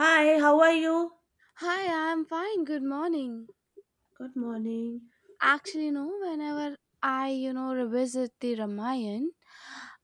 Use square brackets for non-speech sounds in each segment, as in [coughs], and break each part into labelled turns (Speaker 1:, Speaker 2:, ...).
Speaker 1: Hi, how are you?
Speaker 2: Hi, I'm fine. Good morning.
Speaker 1: Good morning.
Speaker 2: Actually, whenever I revisit the Ramayana,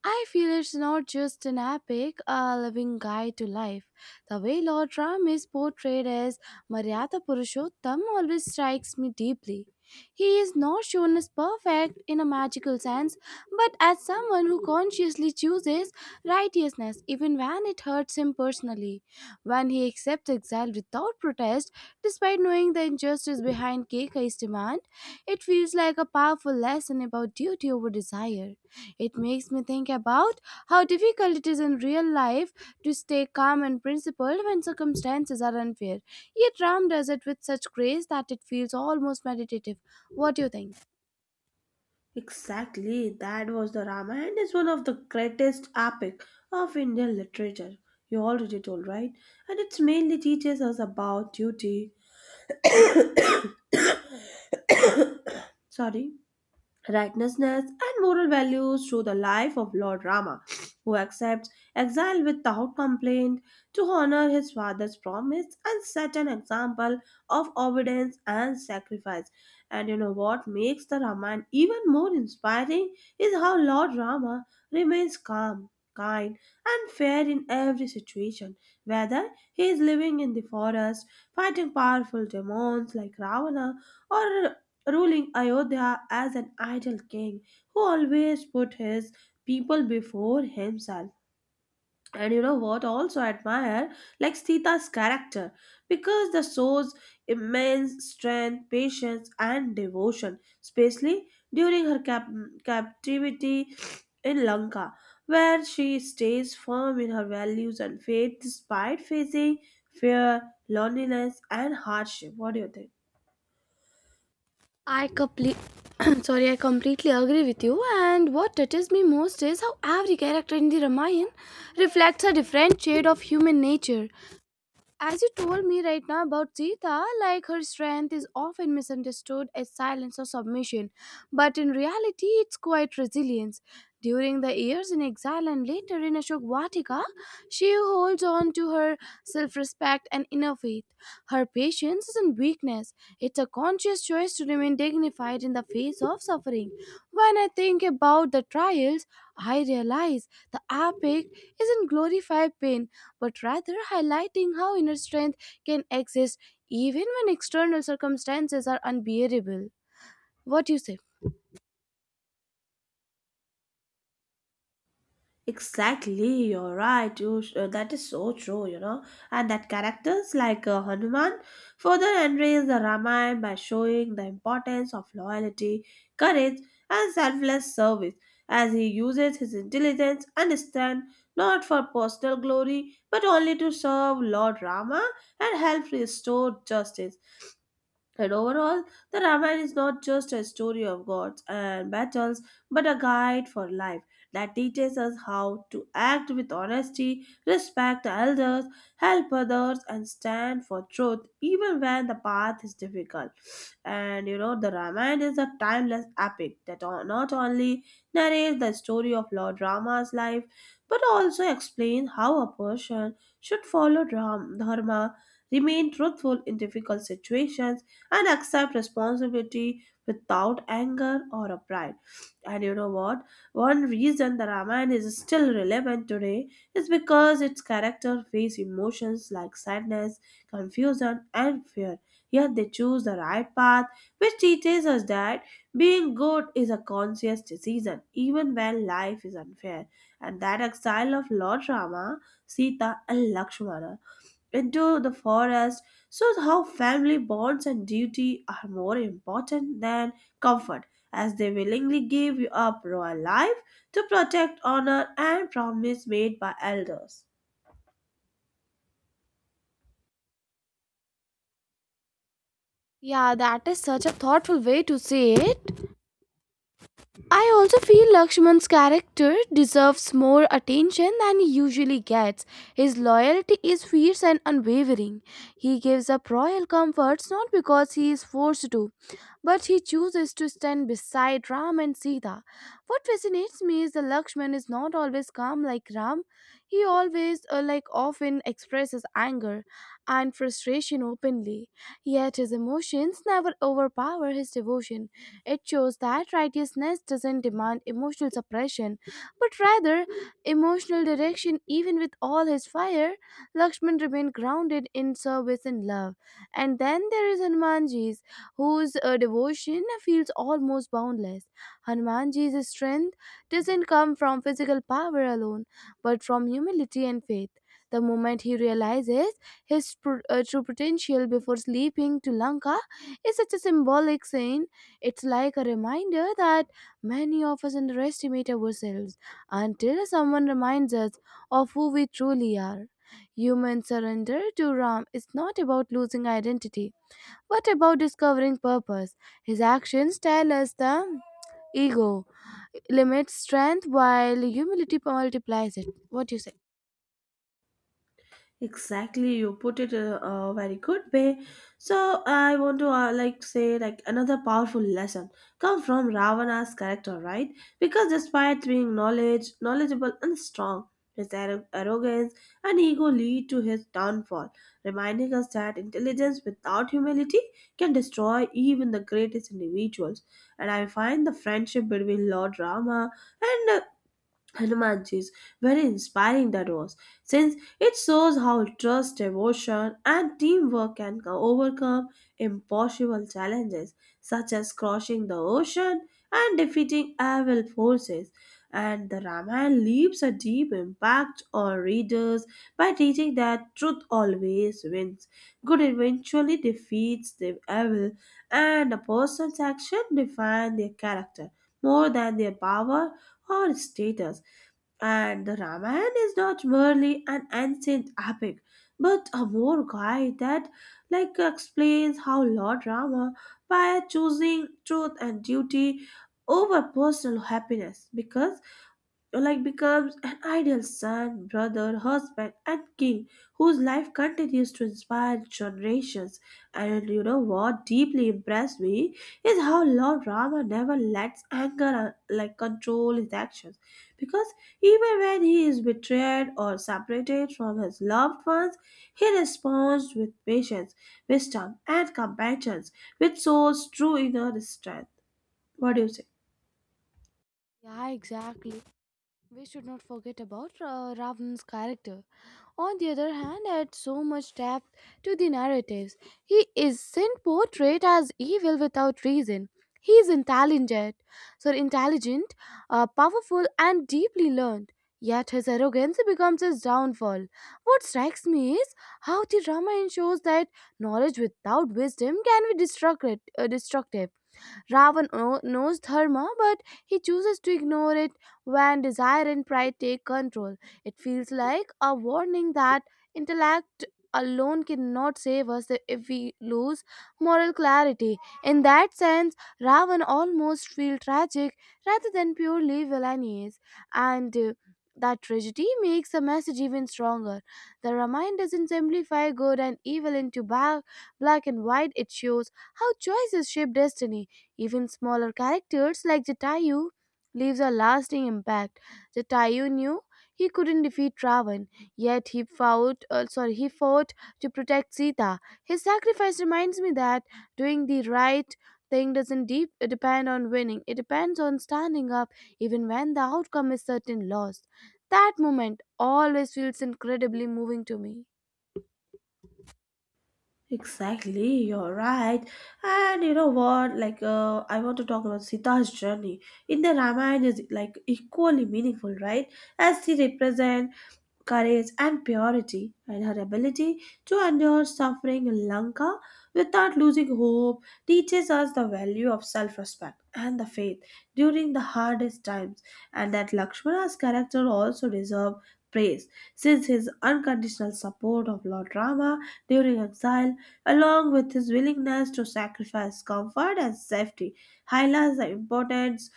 Speaker 2: I feel it's not just an epic, a living guide to life. The way Lord Ram is portrayed as Maryada Purushottam always strikes me deeply. He is not shown as perfect in a magical sense, but as someone who consciously chooses righteousness even when it hurts him personally when he accepts exile without protest, despite knowing the injustice behind Keikai's demand. It feels like a powerful lesson about duty over desire. It makes me think about how difficult it is in real life to stay calm and principled when circumstances are unfair. Yet Ram does it with such grace that it feels almost meditative. What do you think?
Speaker 1: Exactly, that was the Ramayana is one of the greatest epic of Indian literature. You already told, right? And it's mainly teaches us about duty. [coughs] Sorry. Righteousness, and moral values through the life of Lord Rama, who accepts exile without complaint to honor his father's promise and set an example of obedience and sacrifice. And you know what makes the Ramayana even more inspiring is how Lord Rama remains calm. Kind and fair in every situation, whether he is living in the forest, fighting powerful demons like Ravana, or ruling Ayodhya as an idle king who always put his people before himself. And you know what? Also admire like Sita's character because the shows immense strength, patience, and devotion, especially during her captivity in Lanka, where she stays firm in her values and faith despite facing fear, loneliness, and hardship. What do you think?
Speaker 2: I complete [coughs] [clears throat] sorry, I completely agree with you. And what touches me most is how every character in the Ramayana reflects a different shade of human nature. As you told me right now about Sita, like her strength is often misunderstood as silence or submission, but in reality, it's quite resilience. During the years in exile and later in Ashok Vatika, she holds on to her self respect and inner faith. Her patience isn't weakness, it's a conscious choice to remain dignified in the face of suffering. When I think about the trials, I realize the epic isn't glorified pain but rather highlighting how inner strength can exist even when external circumstances are unbearable. What do you say?
Speaker 1: Exactly, you're right. That is so true, you know. And that characters like Hanuman further enrich the Ramayana by showing the importance of loyalty, courage, and selfless service, as he uses his intelligence and strength not for personal glory but only to serve Lord Rama and help restore justice. And overall, the Ramayana is not just a story of gods and battles, but a guide for life that teaches us how to act with honesty, respect the elders, help others, and stand for truth even when the path is difficult. And you know, the Ramayana is a timeless epic that not only narrates the story of Lord Rama's life, but also explains how a person should follow Dharma, remain truthful in difficult situations and accept responsibility without anger or a pride. And you know what? One reason the Ramayana is still relevant today is because its character face emotions like sadness, confusion, and fear. Yet they choose the right path, which teaches us that being good is a conscious decision, even when life is unfair. And that exile of Lord Rama, Sita, and Lakshmana into the forest shows how family bonds and duty are more important than comfort as they willingly give up royal life to protect honor and promise made by elders.
Speaker 2: Yeah, that is such a thoughtful way to say it. I also feel Lakshman's character deserves more attention than he usually gets. His loyalty is fierce and unwavering. He gives up royal comforts not because he is forced to, but he chooses to stand beside Ram and Sita. What fascinates me is that Lakshman is not always calm like Ram. He always, often, expresses anger and frustration openly. Yet his emotions never overpower his devotion. It shows that righteousness doesn't demand emotional suppression, but rather emotional direction. Even with all his fire, Lakshman remained grounded in service and love. And then there is Hanumanji's, whose devotion feels almost boundless. Hanumanji's strength doesn't come from physical power alone, but from humility and faith. The moment he realizes his true potential before sleeping to Lanka is such a symbolic scene, it's like a reminder that many of us underestimate ourselves until someone reminds us of who we truly are. Human surrender to Ram is not about losing identity, but about discovering purpose. His actions tell us the ego limits strength while humility multiplies it. What do you say?
Speaker 1: Exactly, you put it in a very good way. So I want to like say like another powerful lesson come from Ravana's character, right? Because despite being knowledgeable and strong, his arrogance and ego lead to his downfall, reminding us that intelligence without humility can destroy even the greatest individuals. And I find the friendship between Lord Rama and Hanumanji's very inspiring that was, since it shows how trust, devotion, and teamwork can overcome impossible challenges such as crossing the ocean and defeating evil forces. And the Ramayana leaves a deep impact on readers by teaching that truth always wins. Good eventually defeats the evil, and a person's action define their character more than their power or status. And the Ramayana is not merely an ancient epic, but a more guide that like explains how Lord Rama, by choosing truth and duty over personal happiness, because like becomes an ideal son, brother, husband, and king whose life continues to inspire generations. And you know what deeply impressed me is how Lord Rama never lets anger like control his actions, because even when he is betrayed or separated from his loved ones, he responds with patience, wisdom, and compassion, which shows true inner strength. What do you say?
Speaker 2: Yeah, exactly. We should not forget about Ravana's character. On the other hand, adds so much depth to the narratives. He isn't portrayed as evil without reason. He is intelligent, so intelligent, powerful, and deeply learned. Yet his arrogance becomes his downfall. What strikes me is how the drama ensures that knowledge without wisdom can be destructive. Knows dharma, but he chooses to ignore it when desire and pride take control. It feels like a warning that intellect alone cannot save us if we lose moral clarity. In that sense, Ravan almost feels tragic rather than purely villainous, and that tragedy makes the message even stronger. The Ramayana doesn't simplify good and evil into black and white, it shows how choices shape destiny, even smaller characters like Jatayu leaves a lasting impact. Jatayu knew he couldn't defeat Ravan, yet he fought to protect Sita. His sacrifice reminds me that doing the right thing doesn't depend on winning. It depends on standing up even when the outcome is certain loss. That moment always feels incredibly moving to me.
Speaker 1: Exactly, you're right. And you know what? Like, I want to talk about Sita's journey in the Ramayana is like equally meaningful, right? As she represents courage, and purity, and her ability to endure suffering in Lanka without losing hope teaches us the value of self respect and the faith during the hardest times, and that Lakshmana's character also deserves praise since his unconditional support of Lord Rama during exile, along with his willingness to sacrifice comfort and safety, highlights the importance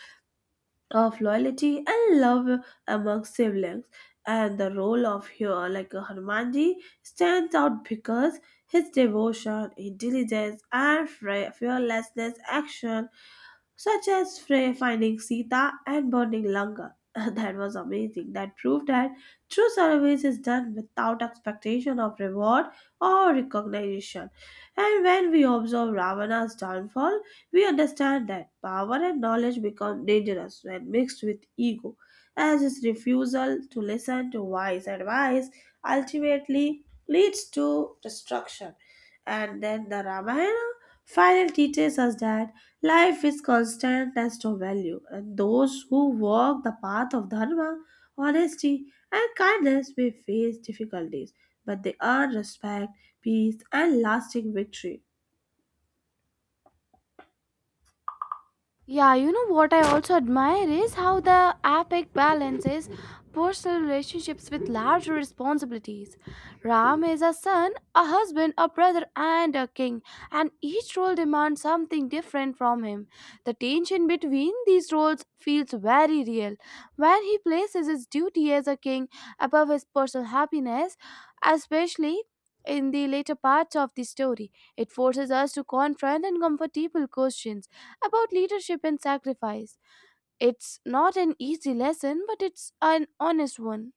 Speaker 1: of loyalty and love among siblings and the role of here like a Harmanji stands out because his devotion, intelligence and fearlessness action such as Frey finding Sita and burning Lanka. [laughs] That was amazing. That proved that true service is done without expectation of reward or recognition. And when we observe Ravana's downfall, we understand that power and knowledge become dangerous when mixed with ego, as his refusal to listen to wise advice ultimately leads to destruction. And then the Ramayana finally teaches us that life is constant as to value, and those who walk the path of dharma, honesty, and kindness may face difficulties, but they earn respect, peace, and lasting victory.
Speaker 2: Yeah, you know what I also admire is how the epic balances personal relationships with larger responsibilities. Ram is a son, a husband, a brother, and a king, and each role demands something different from him. The tension between these roles feels very real. When he places his duty as a king above his personal happiness, especially in the later parts of the story, it forces us to confront uncomfortable questions about leadership and sacrifice. It's not an easy lesson, but it's an honest one.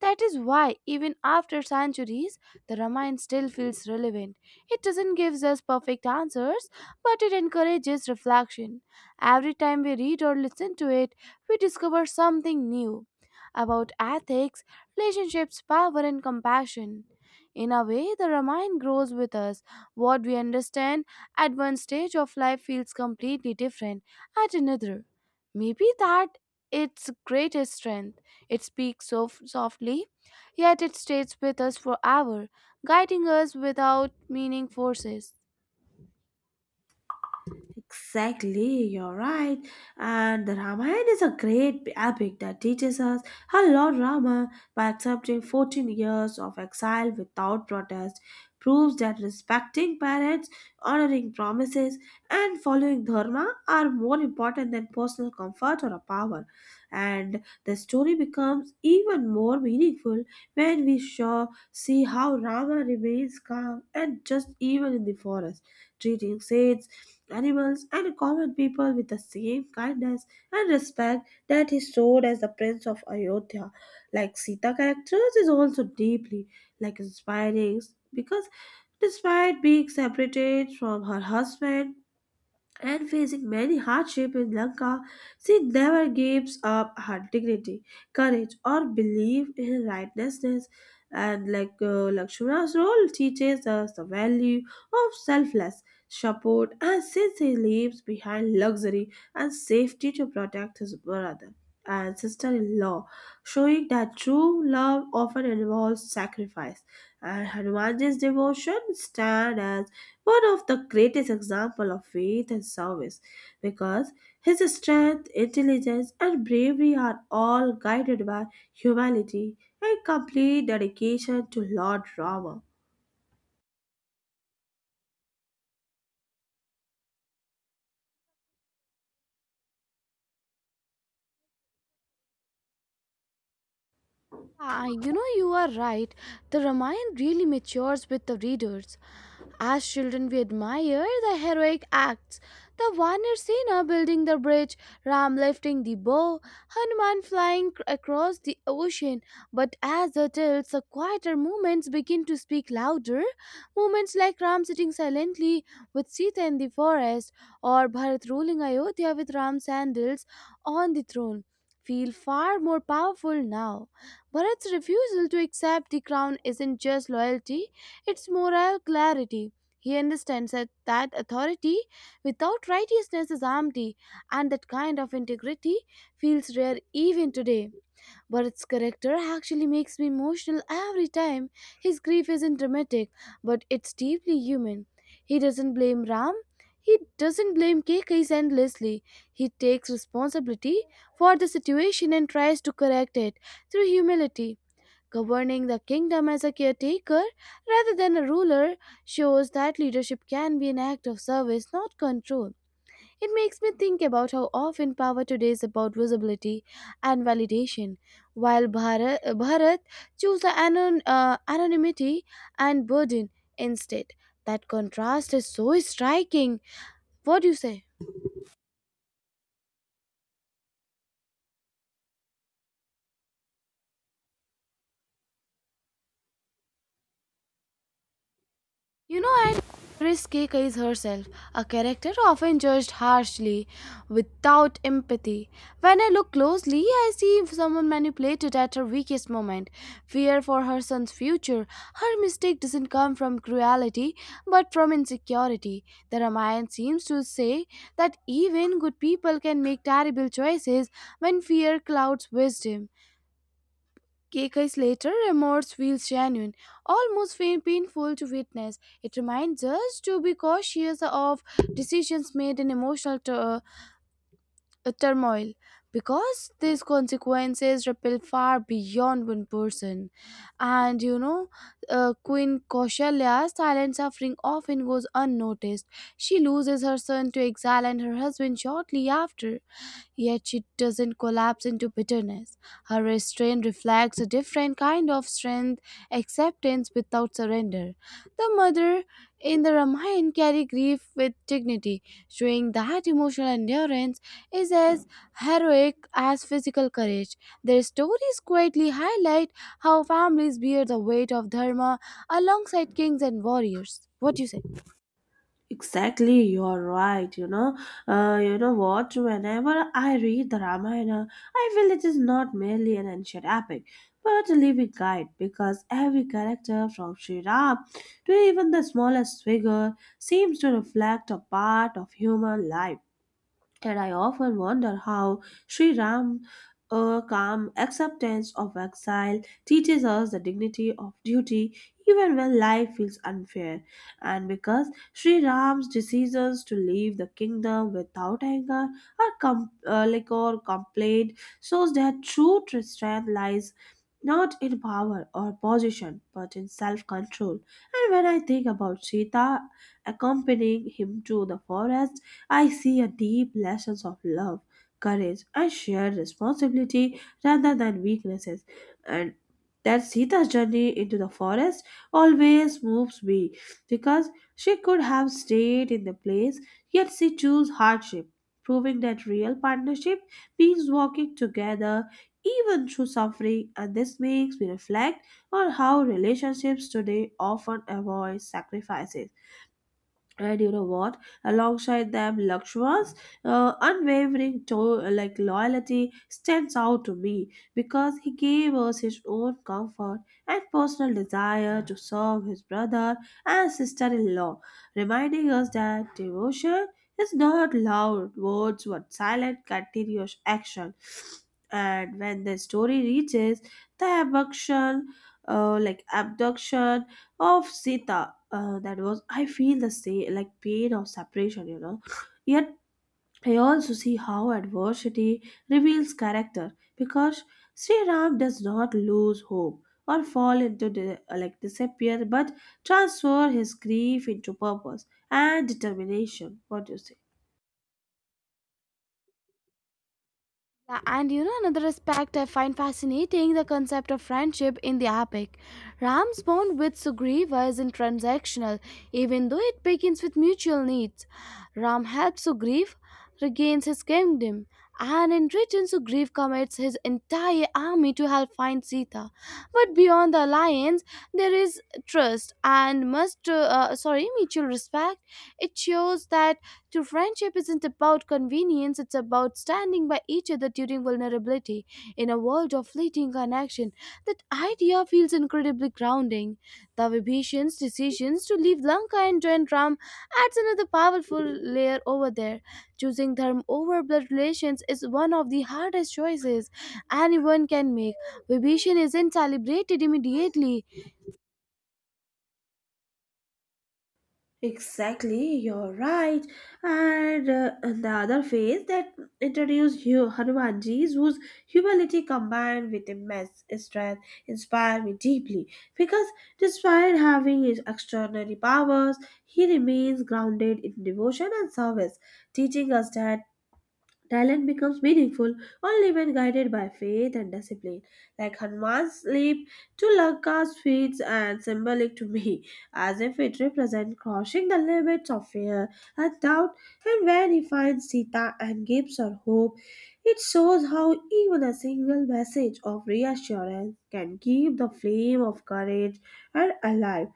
Speaker 2: That is why, even after centuries, the Ramayana still feels relevant. It doesn't give us perfect answers, but it encourages reflection. Every time we read or listen to it, we discover something new about ethics, relationships, power, and compassion. In a way, the Ramayana grows with us. What we understand at one stage of life feels completely different at another. Maybe that its greatest strength. It speaks so softly, yet it stays with us forever, guiding us without meaning forces.
Speaker 1: Exactly, you're right. And the Ramayana is a great epic that teaches us how Lord Rama, by accepting 14 years of exile without protest, proves that respecting parents, honoring promises, and following Dharma are more important than personal comfort or power. And the story becomes even more meaningful when we see how Rama remains calm and just even in the forest, treating sage animals and common people with the same kindness and respect that he showed as the prince of Ayodhya. Like Sita characters is also deeply like inspiring because despite being separated from her husband and facing many hardships in Lanka, she never gives up her dignity, courage, or belief in righteousness. And like Lakshmana's role teaches us the value of selfless support, and since he leaves behind luxury and safety to protect his brother and sister-in-law, showing that true love often involves sacrifice. And Hanumanji's devotion stand as one of the greatest example of faith and service because his strength, intelligence, and bravery are all guided by humility and complete dedication to Lord Rama.
Speaker 2: Yeah, you know, you are right. The Ramayana really matures with the readers. As children, we admire the heroic acts. The Vanir building the bridge, Ram lifting the bow, Hanuman flying across the ocean. But as the tales, the quieter moments begin to speak louder. Moments like Ram sitting silently with Sita in the forest, or Bharat ruling Ayodhya with Ram's sandals on the throne, feel far more powerful now. Bharat's refusal to accept the crown isn't just loyalty, it's moral clarity. He understands that authority without righteousness is empty, and that kind of integrity feels rare even today. Bharat's character actually makes me emotional every time. His grief isn't dramatic, but it's deeply human. He doesn't blame Ram. He doesn't blame Kekeis endlessly. He takes responsibility for the situation and tries to correct it through humility. Governing the kingdom as a caretaker rather than a ruler shows that leadership can be an act of service, not control. It makes me think about how often power today is about visibility and validation, while Bharat chose the anonymity and burden instead. That contrast is so striking. What do you say? You know, and Doris K. is herself, a character often judged harshly, without empathy. When I look closely, I see someone manipulated at her weakest moment. Fear for her son's future. Her mistake doesn't come from cruelty, but from insecurity. The Ramayana seems to say that even good people can make terrible choices when fear clouds wisdom. Decades later, remorse feels genuine, almost painful to witness. It reminds us to be cautious of decisions made in emotional t- a turmoil, because these consequences ripple far beyond one person. And you know, Queen Kaushalya's silent suffering often goes unnoticed. She loses her son to exile and her husband shortly after, yet she doesn't collapse into bitterness. Her restraint reflects a different kind of strength, acceptance without surrender. The mother in the Ramayana carry grief with dignity, showing that emotional endurance is as heroic as physical courage. Their stories quietly highlight how families bear the weight of dharma alongside kings and warriors. What do you say?
Speaker 1: Exactly, you're right. You know what? Whenever I read the Ramayana, I feel it is not merely an ancient epic, but a living guide because every character from Sri Ram to even the smallest figure seems to reflect a part of human life and I often wonder how Sri Ram, a calm acceptance of exile, teaches us the dignity of duty even when life feels unfair. And because Sri Ram's decisions to leave the kingdom without anger or complaint shows that true strength lies not in power or position but in self-control. And when I think about Sita accompanying him to the forest, I see a deep lessons of love, courage, and shared responsibility rather than weaknesses. And that Sita's journey into the forest always moves me because she could have stayed in the place, yet she chose hardship, proving that real partnership means walking together even through suffering. And this makes me reflect on how relationships today often avoid sacrifices and you know what, alongside them, Lakshma's unwavering like loyalty stands out to me because he gave us his own comfort and personal desire to serve his brother and sister-in-law, reminding us that devotion is not loud words but silent continuous action. And when the story reaches the abduction of Sita. That was I feel the same like pain of separation, you know. Yet I also see how adversity reveals character because Sri Ram does not lose hope or fall into the, like disappear, but transfer his grief into purpose and determination. What do you say?
Speaker 2: Yeah, and you know another aspect I find fascinating the concept of friendship in the epic. Ram's bond with Sugriva isn't transactional, even though it begins with mutual needs. Ram helps Sugriva regains his kingdom, and in return Sugriva commits his entire army to help find Sita. But beyond the alliance, there is trust and must sorry mutual respect. It shows that true friendship isn't about convenience, it's about standing by each other during vulnerability. In a world of fleeting connection, that idea feels incredibly grounding. The Vibhishan's decisions to leave Lanka and join Ram adds another powerful layer over there. Choosing dharma over blood relations is one of the hardest choices anyone can make. Vibhishan isn't celebrated immediately.
Speaker 1: Exactly, you're right. And the other phase that introduced Hanumanji's whose humility combined with immense strength inspired me deeply because despite having his extraordinary powers, he remains grounded in devotion and service, teaching us that talent becomes meaningful only when guided by faith and discipline. Like Hanuman's leap to Lanka's feats and symbolic to me, as if it represents crossing the limits of fear and doubt. And when he finds Sita and gives her hope, it shows how even a single message of reassurance can keep the flame of courage and alive.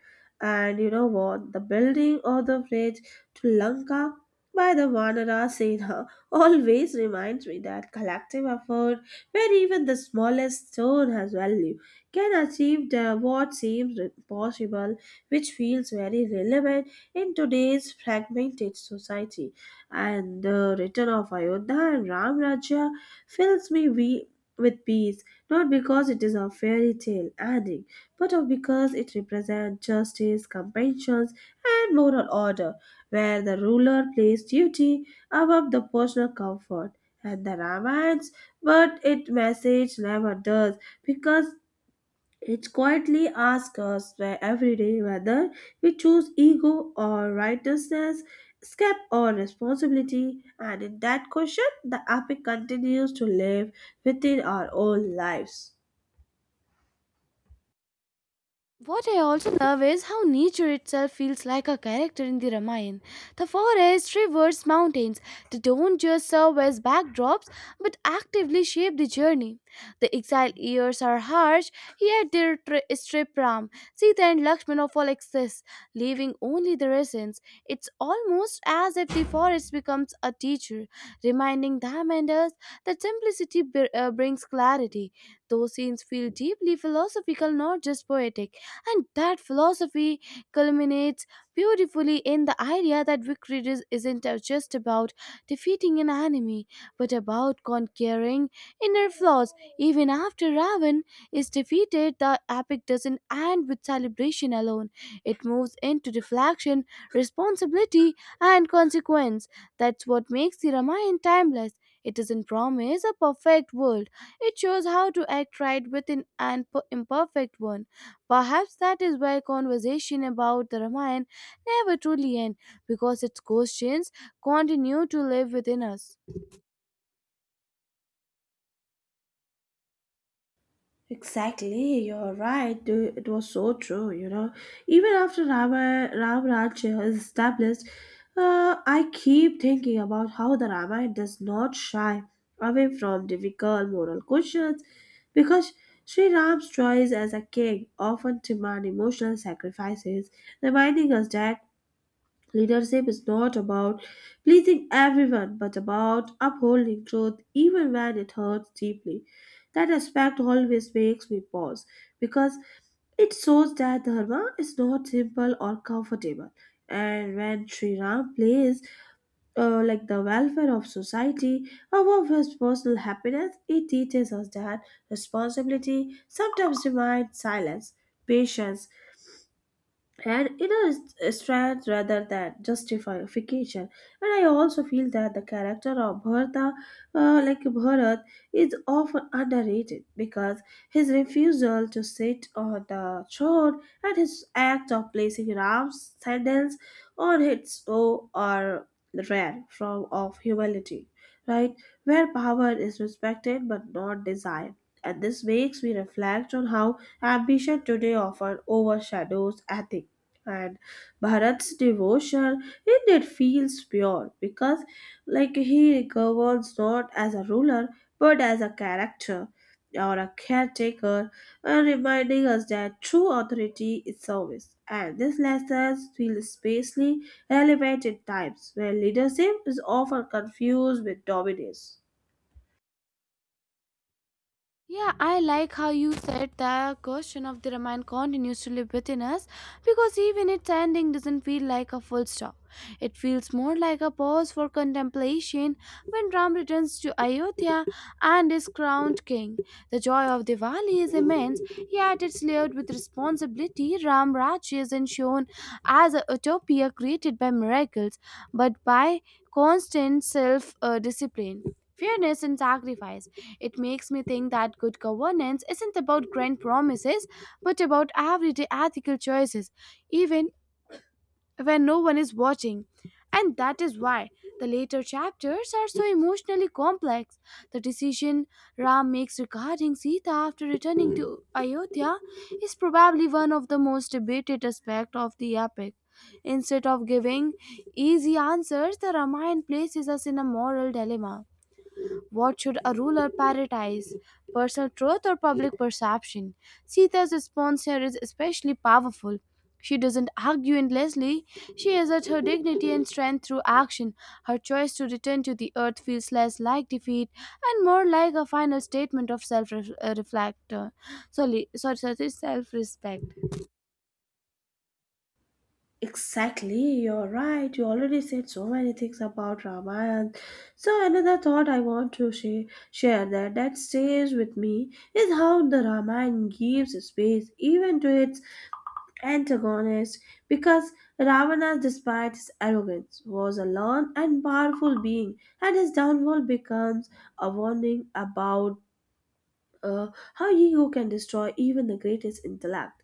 Speaker 1: And you know what? The building of the bridge to Lanka by the Vanara Sena always reminds me that collective effort, where even the smallest stone has value, can achieve the, what seems impossible, which feels very relevant in today's fragmented society. And the return of Ayodhya and Ram Rajya fills me with peace, not because it is a fairy tale ending, but of because it represents justice, compassion, and moral order, where the ruler plays duty above the personal comfort and the romance, but its message never does because it quietly asks us where every day whether we choose ego or righteousness, escape or responsibility, and in that question, the epic continues to live within our own lives.
Speaker 2: What I also love is how nature itself feels like a character in the Ramayana. The forests, rivers, mountains, they don't just serve as backdrops but actively shape the journey. The exiled years are harsh, yet they strip Ram, Sita, and Lakshman of all excess, leaving only the essence. It's almost as if the forest becomes a teacher, reminding them and us that simplicity brings clarity. Those scenes feel deeply philosophical, not just poetic. And that philosophy culminates beautifully in the idea that isn't just about defeating an enemy, but about conquering inner flaws. Even after Ravan is defeated, the epic doesn't end with celebration alone. It moves into reflection, responsibility, and consequence. That's what makes the Ramayana timeless. It doesn't promise a perfect world. It shows how to act right within an imperfect one. Perhaps that is why conversation about the Ramayana never truly end because its questions continue to live within us.
Speaker 1: Exactly, you're right. It was so true, you know. Even after Ram Rajya is established, I keep thinking about how the Ramayana does not shy away from difficult moral questions, because Sri Ram's choice as a king often demand emotional sacrifices, reminding us that leadership is not about pleasing everyone, but about upholding truth even when it hurts deeply. That aspect always makes me pause because it shows that dharma is not simple or comfortable. And when Sri Ram plays like the welfare of society above his personal happiness, it teaches us that responsibility sometimes demands silence, patience, and it is a strand rather than justification. And I also feel that the character of Bharata, like Bharat, is often underrated because his refusal to sit on the throne and his act of placing Ram's sandals on his own are rare form of humility, right, where power is respected but not desired. And this makes me reflect on how ambition today often overshadows ethics. And Bharat's devotion indeed feels pure because like he governs not as a ruler but as a character or a caretaker, and reminding us that true authority is service, and these lessons feel especially relevant in times where leadership is often confused with dominance.
Speaker 2: Yeah, I like how you said the question of the Ramayana continues to live within us, because even its ending doesn't feel like a full stop. It feels more like a pause for contemplation when Ram returns to Ayodhya and is crowned king. The joy of Diwali is immense, yet it's layered with responsibility. Ram Raj isn't shown as a utopia created by miracles, but by constant self- discipline, fairness and sacrifice. It makes me think that good governance isn't about grand promises, but about everyday ethical choices, even when no one is watching. And that is why the later chapters are so emotionally complex. The decision Ram makes regarding Sita after returning to Ayodhya is probably one of the most debated aspects of the epic. Instead of giving easy answers, the Ramayana places us in a moral dilemma. What should a ruler prioritize? Personal truth or public perception? Sita's response here is especially powerful. She doesn't argue endlessly. She asserts her dignity and strength through action. Her choice to return to the earth feels less like defeat and more like a final statement of self-reflect. Sorry, sorry, sorry self-respect.
Speaker 1: Exactly, you're right. You already said so many things about Ramayana. So another thought I want to share that stays with me is how the Ramayana gives space even to its antagonist, because Ravana, despite his arrogance, was a learned and powerful being, and his downfall becomes a warning about uh, how ego can destroy even the greatest intellect.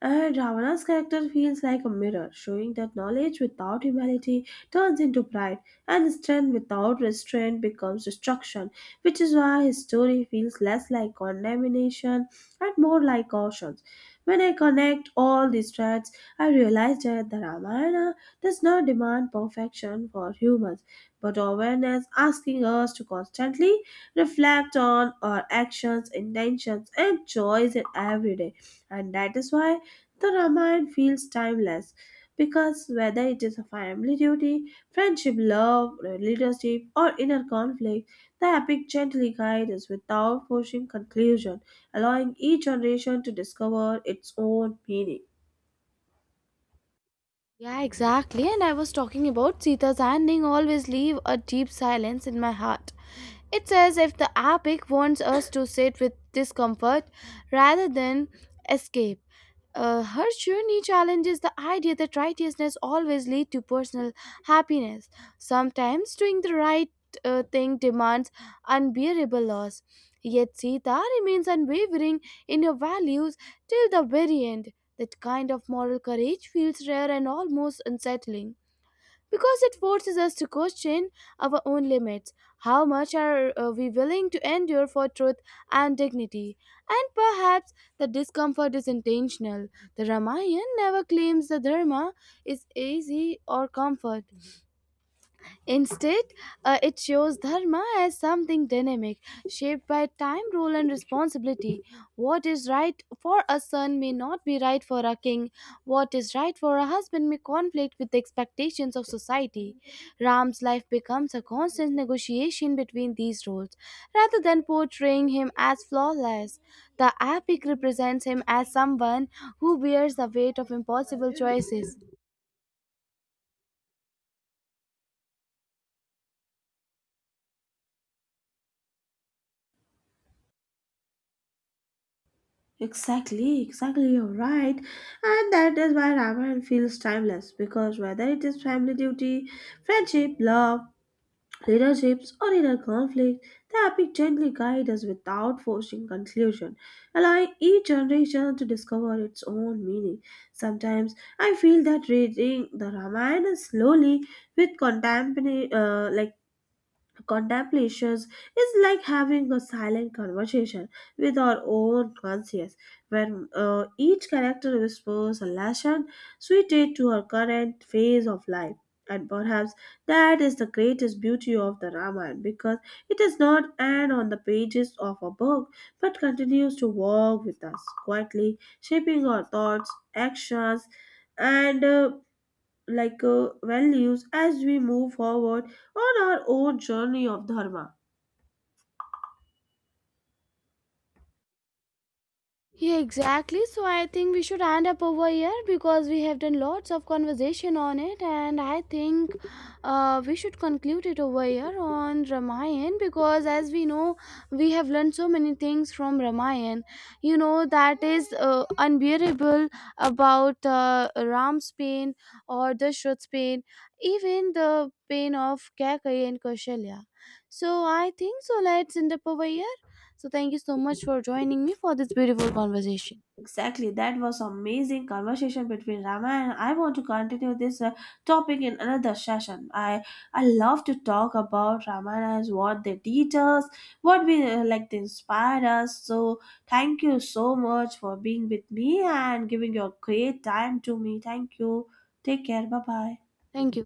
Speaker 1: And Ravana's character feels like a mirror, showing that knowledge without humility turns into pride, and strength without restraint becomes destruction, which is why his story feels less like condemnation and more like cautions. When I connect all these threads, I realize that the Ramayana does not demand perfection for humans, but awareness, asking us to constantly reflect on our actions, intentions, and joys in every day. And that is why the Ramayana feels timeless, because whether it is a family duty, friendship, love, leadership, or inner conflict, the epic gently guides us without forcing conclusion, allowing each generation to discover its own meaning.
Speaker 2: Yeah, exactly. And I was talking about Sita's ending always leave a deep silence in my heart. It's as if the epic wants us to sit with discomfort rather than escape. Her journey challenges the idea that righteousness always leads to personal happiness. Sometimes doing the right thing demands unbearable loss. Yet Sita remains unwavering in her values till the very end. That kind of moral courage feels rare and almost unsettling because it forces us to question our own limits. How much are we willing to endure for truth and dignity? And perhaps the discomfort is intentional. The Ramayana never claims the Dharma is easy or comfort. Instead, it shows dharma as something dynamic, shaped by time, rule, and responsibility. What is right for a son may not be right for a king. What is right for a husband may conflict with the expectations of society. Ram's life becomes a constant negotiation between these roles, rather than portraying him as flawless. The epic represents him as someone who bears the weight of impossible choices.
Speaker 1: Exactly, you're right. And that is why Ramayana feels timeless, because whether it is family duty, friendship, love, leaderships, or inner conflict, the epic gently guide us without forcing conclusion, allowing each generation to discover its own meaning. Sometimes I feel that reading the Ramayana slowly with contemporary, like contemplations, is like having a silent conversation with our own conscience, where each character whispers a lesson suited to our current phase of life. And perhaps that is the greatest beauty of the Ramayana, because it does not end on the pages of a book but continues to walk with us, quietly shaping our thoughts, actions, and values as we move forward on our own journey of dharma.
Speaker 2: Yeah, exactly. So I think we should end up over here because we have done lots of conversation on it, and I think we should conclude it over here on Ramayan because, as we know, we have learned so many things from Ramayan. You know that is unbearable about Ram's pain or Dashrath's pain, even the pain of Kaikeyi and Kaushalya. So I think so. Let's end up over here. So, thank you so much for joining me for this beautiful conversation.
Speaker 1: Exactly, that was amazing conversation between Rama, and I want to continue this topic in another session. I love to talk about Ramanas, what they teach us, what we like they inspire us. So thank you so much for being with me and giving your great time to me. Thank you, take care, bye bye.
Speaker 2: Thank you.